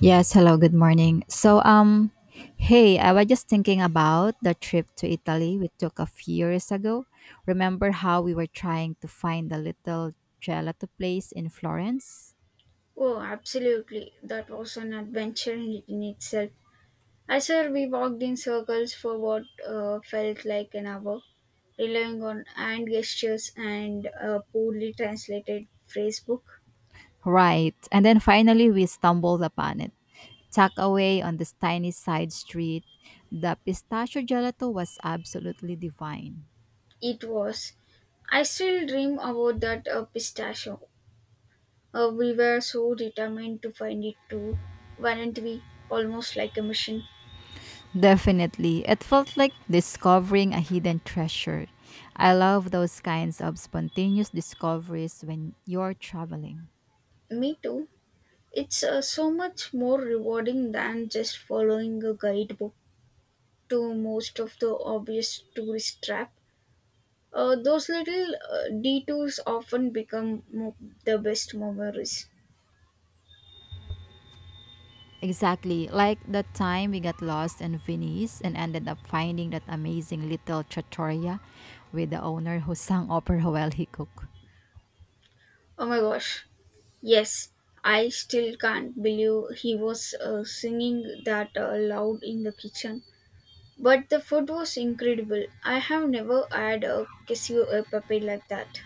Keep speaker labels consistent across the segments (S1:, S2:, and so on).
S1: Yes, hello, good morning. Hey, I was just thinking about the trip to Italy we took a few years ago. Remember how we were trying to find the little gelato place in Florence?
S2: Oh, absolutely. That was an adventure in itself. I swear we walked in circles for what felt like an hour, relying on hand gestures and a poorly translated phrase book.
S1: Right. And then finally we stumbled upon it. Tucked away on this tiny side street, the pistachio gelato was absolutely divine.
S2: It was. I still dream about that pistachio. We were so determined to find it too, weren't we? Almost like a mission.
S1: Definitely. It felt like discovering a hidden treasure. I love those kinds of spontaneous discoveries when you're traveling.
S2: Me too. It's so much more rewarding than just following a guidebook. To most of the obvious tourist trap. Those little detours often become the best memories.
S1: Exactly. Like the time we got lost in Venice and ended up finding that amazing little trattoria with the owner who sang opera while he cooked.
S2: Oh my gosh. Yes, I still can't believe he was singing that loud in the kitchen. But the food was incredible. I have never had a queso e pepe like that.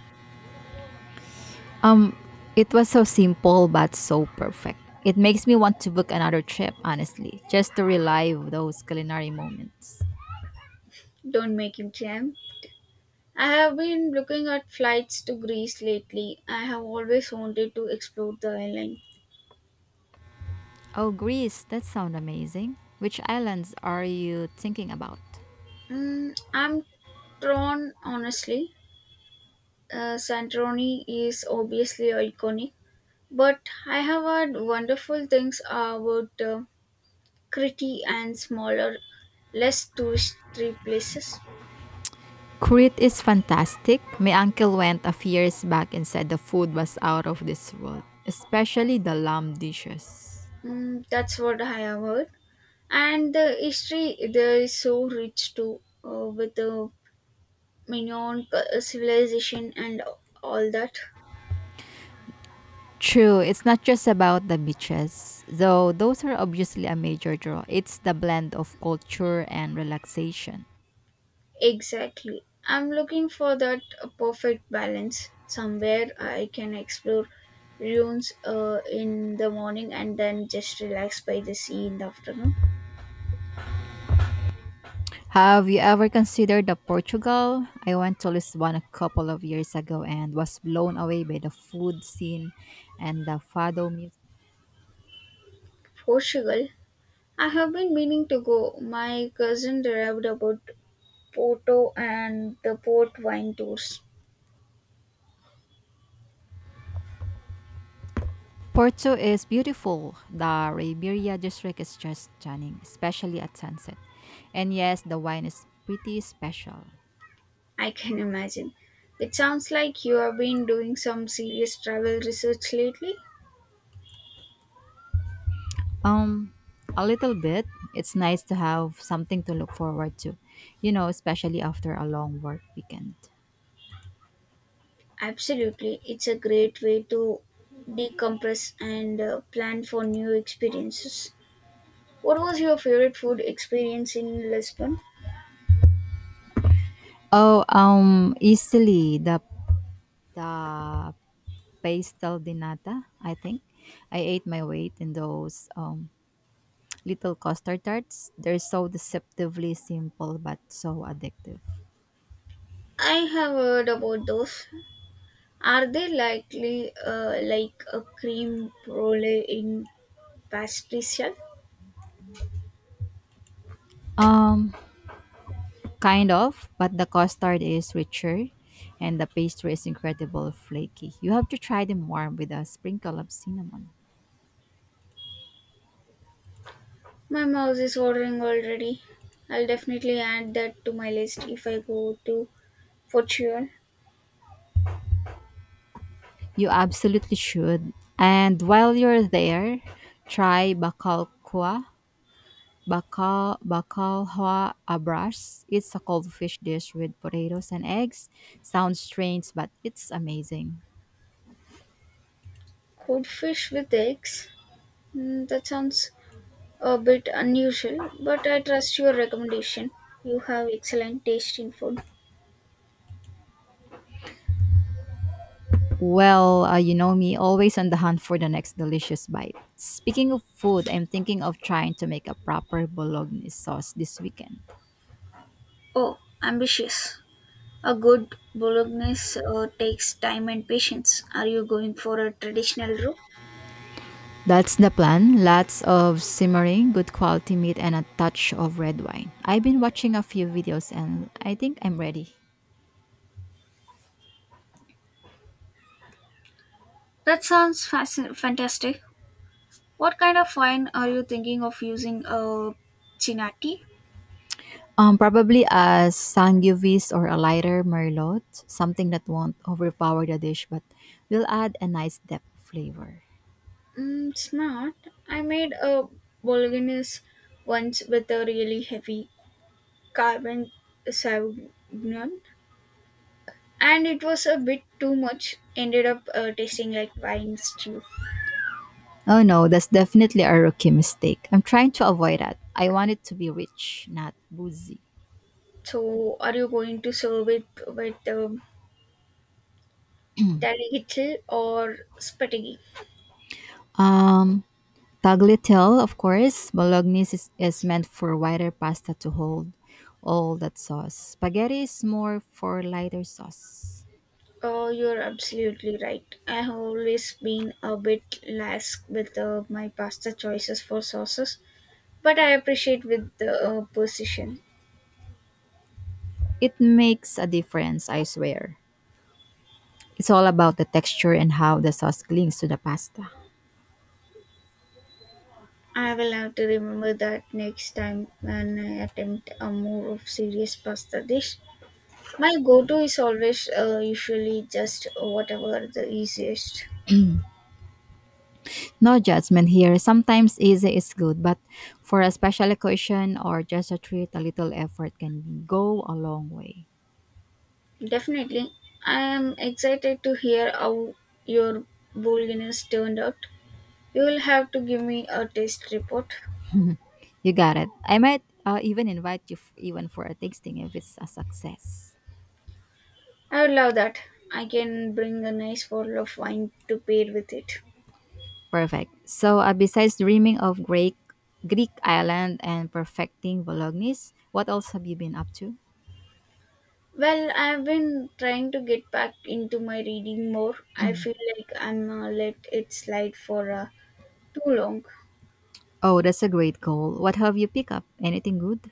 S1: Um, it was so simple but so perfect. It makes me want to book another trip, honestly, just to relive those culinary moments.
S2: Don't make him jam. I have been looking at flights to Greece lately. I have always wanted to explore the island.
S1: Oh, Greece, that sounds amazing. Which islands are you thinking about?
S2: Mm, I'm torn, honestly. Santorini is obviously iconic, but I have heard wonderful things about Crete and smaller, less touristy places.
S1: Crete is fantastic. My uncle went a few years back and said the food was out of this world, especially the lamb dishes.
S2: Mm, that's what I have heard. And the history there is so rich too, with the civilization and all that.
S1: True, it's not just about the beaches, though those are obviously a major draw. It's the blend of culture and relaxation.
S2: Exactly. I'm looking for that perfect balance somewhere I can explore ruins in the morning and then just relax by the sea in the afternoon.
S1: Have you ever considered the Portugal? I went to Lisbon a couple of years ago and was blown away by the food scene and the fado music.
S2: Portugal. I have been meaning to go. My cousin raved about Porto and the port wine tours.
S1: Porto is beautiful. The Ribeira district is just stunning, especially at sunset. And yes, the wine is pretty special.
S2: I can imagine. It sounds like you have been doing some serious travel research lately.
S1: Um, a little bit. It's nice to have something to look forward to, you know, especially after a long work weekend.
S2: Absolutely, it's a great way to decompress and plan for new experiences. What was your favorite food experience in Lisbon?
S1: Oh, easily the pastel de nata. I think I ate my weight in those little custard tarts. They're so deceptively simple but so addictive.
S2: I have heard about those. Are they likely like a cream brulee in pastry shell?
S1: Um, Kind of, but the custard is richer and the pastry is incredible flaky. You have to try them warm with a sprinkle of cinnamon.
S2: My mouth is watering already. I'll definitely add that to my list if I go to Portugal.
S1: You absolutely should. And while you're there, try bakalkwa, bakalhwa abras. It's a cold fish dish with potatoes and eggs. Sounds strange, but it's amazing.
S2: Codfish with eggs? Mm, that sounds a bit unusual, but I trust your recommendation. You have excellent taste in food.
S1: Well, you know me, always on the hunt for the next delicious bite. Speaking of food, I'm thinking of trying to make a proper bolognese sauce this weekend.
S2: Oh, ambitious. A good bolognese takes time and patience. Are you going for a traditional roux?
S1: That's the plan. Lots of simmering, good quality meat, and a touch of red wine. I've been watching a few videos and I think I'm ready.
S2: That sounds fantastic. What kind of wine are you thinking of using? Chinati?
S1: Probably a Sangiovese or a lighter Merlot, something that won't overpower the dish but will add a nice depth of flavor.
S2: Mm, it's not. I made a bolognese once with a really heavy carbon sauvignon. And it was a bit too much, ended up tasting like wine stew.
S1: Oh no, that's definitely a rookie mistake. I'm trying to avoid that. I want it to be rich, not boozy.
S2: So are you going to serve it with tagliatelle or spaghetti?
S1: Um, Tagliatelle, of course. Bolognese is meant for wider pasta to hold all that sauce. Spaghetti is more for lighter sauce.
S2: Oh, you're absolutely right. I have always been a bit lax with my pasta choices for sauces, but I appreciate with the precision.
S1: It makes a difference, I swear. It's all about the texture and how the sauce clings to the pasta.
S2: I will have to remember that next time when I attempt a more of serious pasta dish. My go-to is always usually just whatever the easiest.
S1: No judgment here. Sometimes easy is good, but for a special occasion or just a treat, a little effort can go a long way.
S2: Definitely, I am excited to hear how your bulginess turned out. You will have to give me a taste report.
S1: You got it. I might even invite you even for a tasting if it's a success.
S2: I would love that. I can bring a nice bottle of wine to pair with it.
S1: Perfect. So, besides dreaming of Greek island and perfecting Bolognese, what else have you been up to?
S2: Well, I've been trying to get back into my reading more. I feel like I'm let it slide for too long.
S1: Oh, that's a great goal. What have you picked up? Anything good?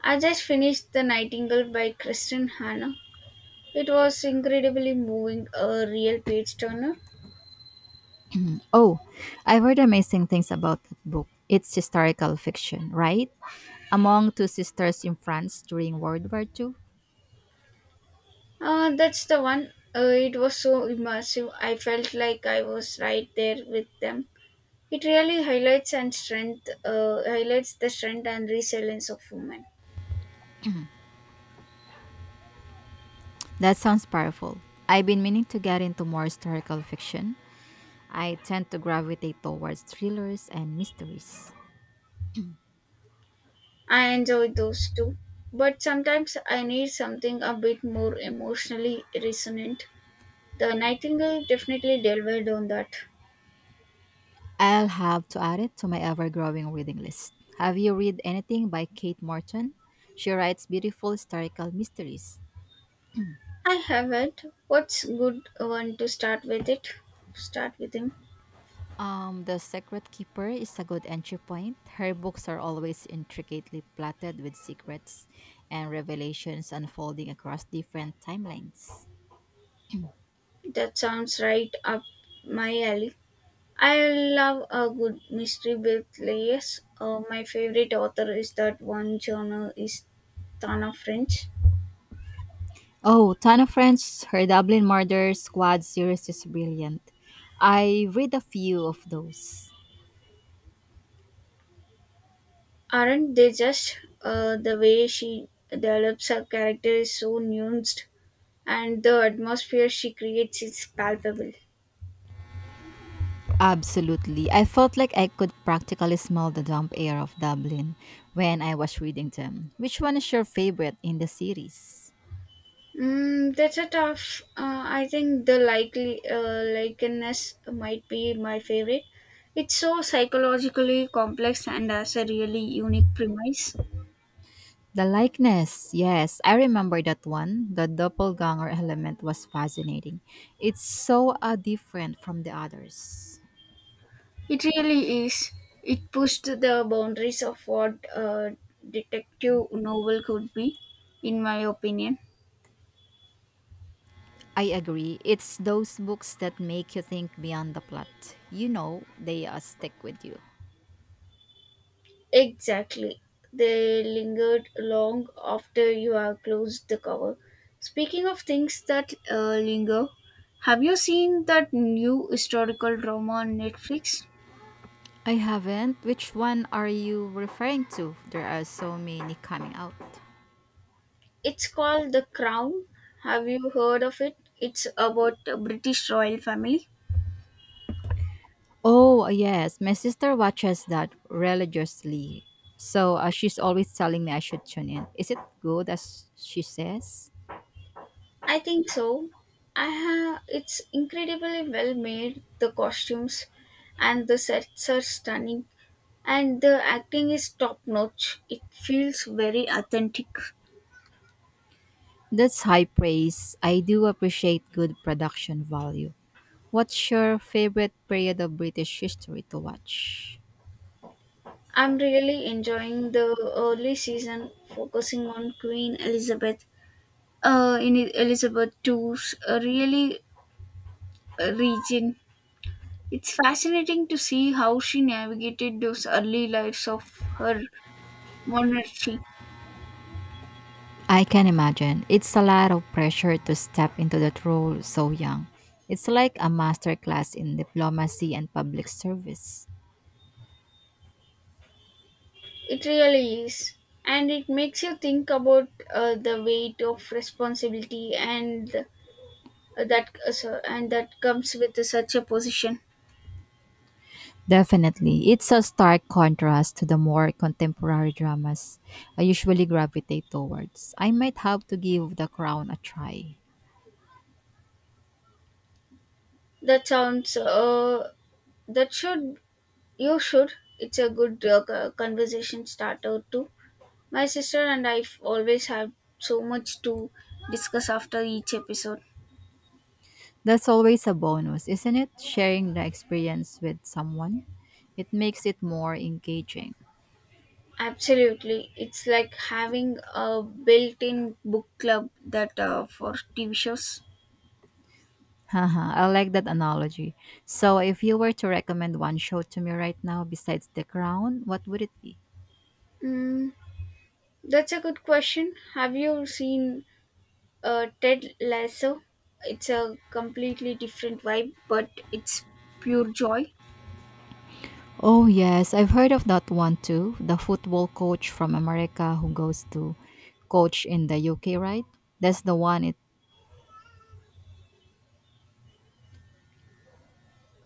S2: I just finished The Nightingale by Kristen Hanna. It was incredibly moving, a real page turner.
S1: Oh, I've heard amazing things about that book. It's historical fiction, right? Among two sisters in France during World War II?
S2: That's the one. It was so immersive. I felt like I was right there with them. It really highlights the strength and resilience of women.
S1: That sounds powerful. I've been meaning to get into more historical fiction. I tend to gravitate towards thrillers and mysteries.
S2: I enjoy those too, but sometimes I need something a bit more emotionally resonant. The Nightingale definitely delivered on that.
S1: I'll have to add it to my ever growing reading list. Have you read anything by Kate Morton? She writes beautiful historical mysteries.
S2: I haven't. What's good one to start with it? Start with him.
S1: The Secret Keeper is a good entry point. Her books are always intricately plotted with secrets and revelations unfolding across different timelines.
S2: That sounds right up my alley. I love a good mystery book. My favorite author is that one genre is Tana French.
S1: Oh, Ton of Friends, her Dublin Murder Squad series is brilliant. I read a few of those.
S2: Aren't they just? The way she develops her character is so nuanced and the atmosphere she creates is palpable.
S1: Absolutely. I felt like I could practically smell the damp air of Dublin when I was reading them. Which one is your favorite in the series?
S2: Mm, that's a tough. I think the likely likeness might be my favorite. It's so psychologically complex and has a really unique premise.
S1: The likeness. Yes, I remember that one. The doppelganger element was fascinating. It's so different from the others.
S2: It really is. It pushed the boundaries of what a detective novel could be, in my opinion.
S1: I agree. It's those books that make you think beyond the plot. You know, they stick with you.
S2: Exactly. They lingered long after you have closed the cover. Speaking of things that linger, have you seen that new historical drama on Netflix?
S1: I haven't. Which one are you referring to? There are so many coming out.
S2: It's called The Crown. Have you heard of it? It's about the British royal family.
S1: Oh, yes. My sister watches that religiously. So she's always telling me I should tune in. Is it good as she says?
S2: I think so. I have, it's incredibly well made. The costumes and the sets are stunning, and the acting is top notch. It feels very authentic.
S1: That's high praise. I do appreciate good production value. What's your favorite period of British history to watch?
S2: I'm really enjoying the early season focusing on Queen Elizabeth Elizabeth Two's really region. It's fascinating to see how she navigated those early lives of her monarchy.
S1: I can imagine. It's a lot of pressure to step into that role so young. It's like a masterclass in diplomacy and public service.
S2: It really is. And it makes you think about the weight of responsibility and and that comes with such a position.
S1: Definitely. It's a stark contrast to the more contemporary dramas I usually gravitate towards. I might have to give The Crown a try.
S2: That sounds that should You should. It's a good conversation starter too. My sister and I always have so much to discuss after each episode.
S1: That's always a bonus, isn't it? Sharing the experience with someone. It makes it more engaging.
S2: Absolutely. It's like having a built in book club that for TV shows.
S1: Haha, I like that analogy. So, if you were to recommend one show to me right now besides The Crown, what would it be?
S2: Mm, that's a good question. Have you seen Ted Lasso? It's a completely different vibe, but it's pure joy.
S1: Oh, yes, I've heard of that one too. The football coach from America who goes to coach in the UK, right? That's the one. It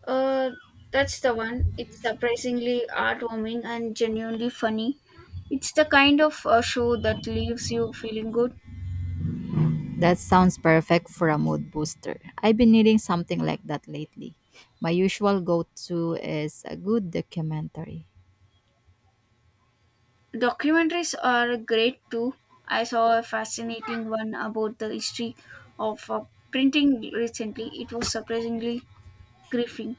S2: Uh, that's the one. It's surprisingly heartwarming and genuinely funny. It's the kind of show that leaves you feeling good.
S1: That sounds perfect for a mood booster. I've been needing something like that lately. My usual go-to is a good documentary.
S2: Documentaries are great too. I saw a fascinating one about the history of printing recently. It was surprisingly gripping.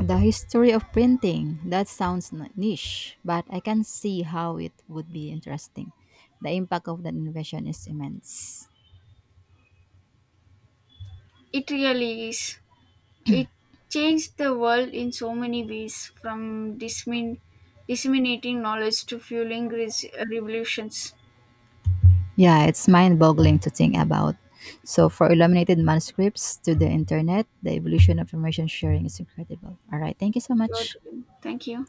S1: The history of printing. That sounds niche, but I can see how it would be interesting. The impact of that innovation is immense.
S2: It really is. It changed the world in so many ways, from disseminating knowledge to fueling revolutions.
S1: Yeah, it's mind boggling to think about. So, for illuminated manuscripts to the internet, the evolution of information sharing is incredible. All right, thank you so
S2: Your
S1: much.
S2: turn. Thank you.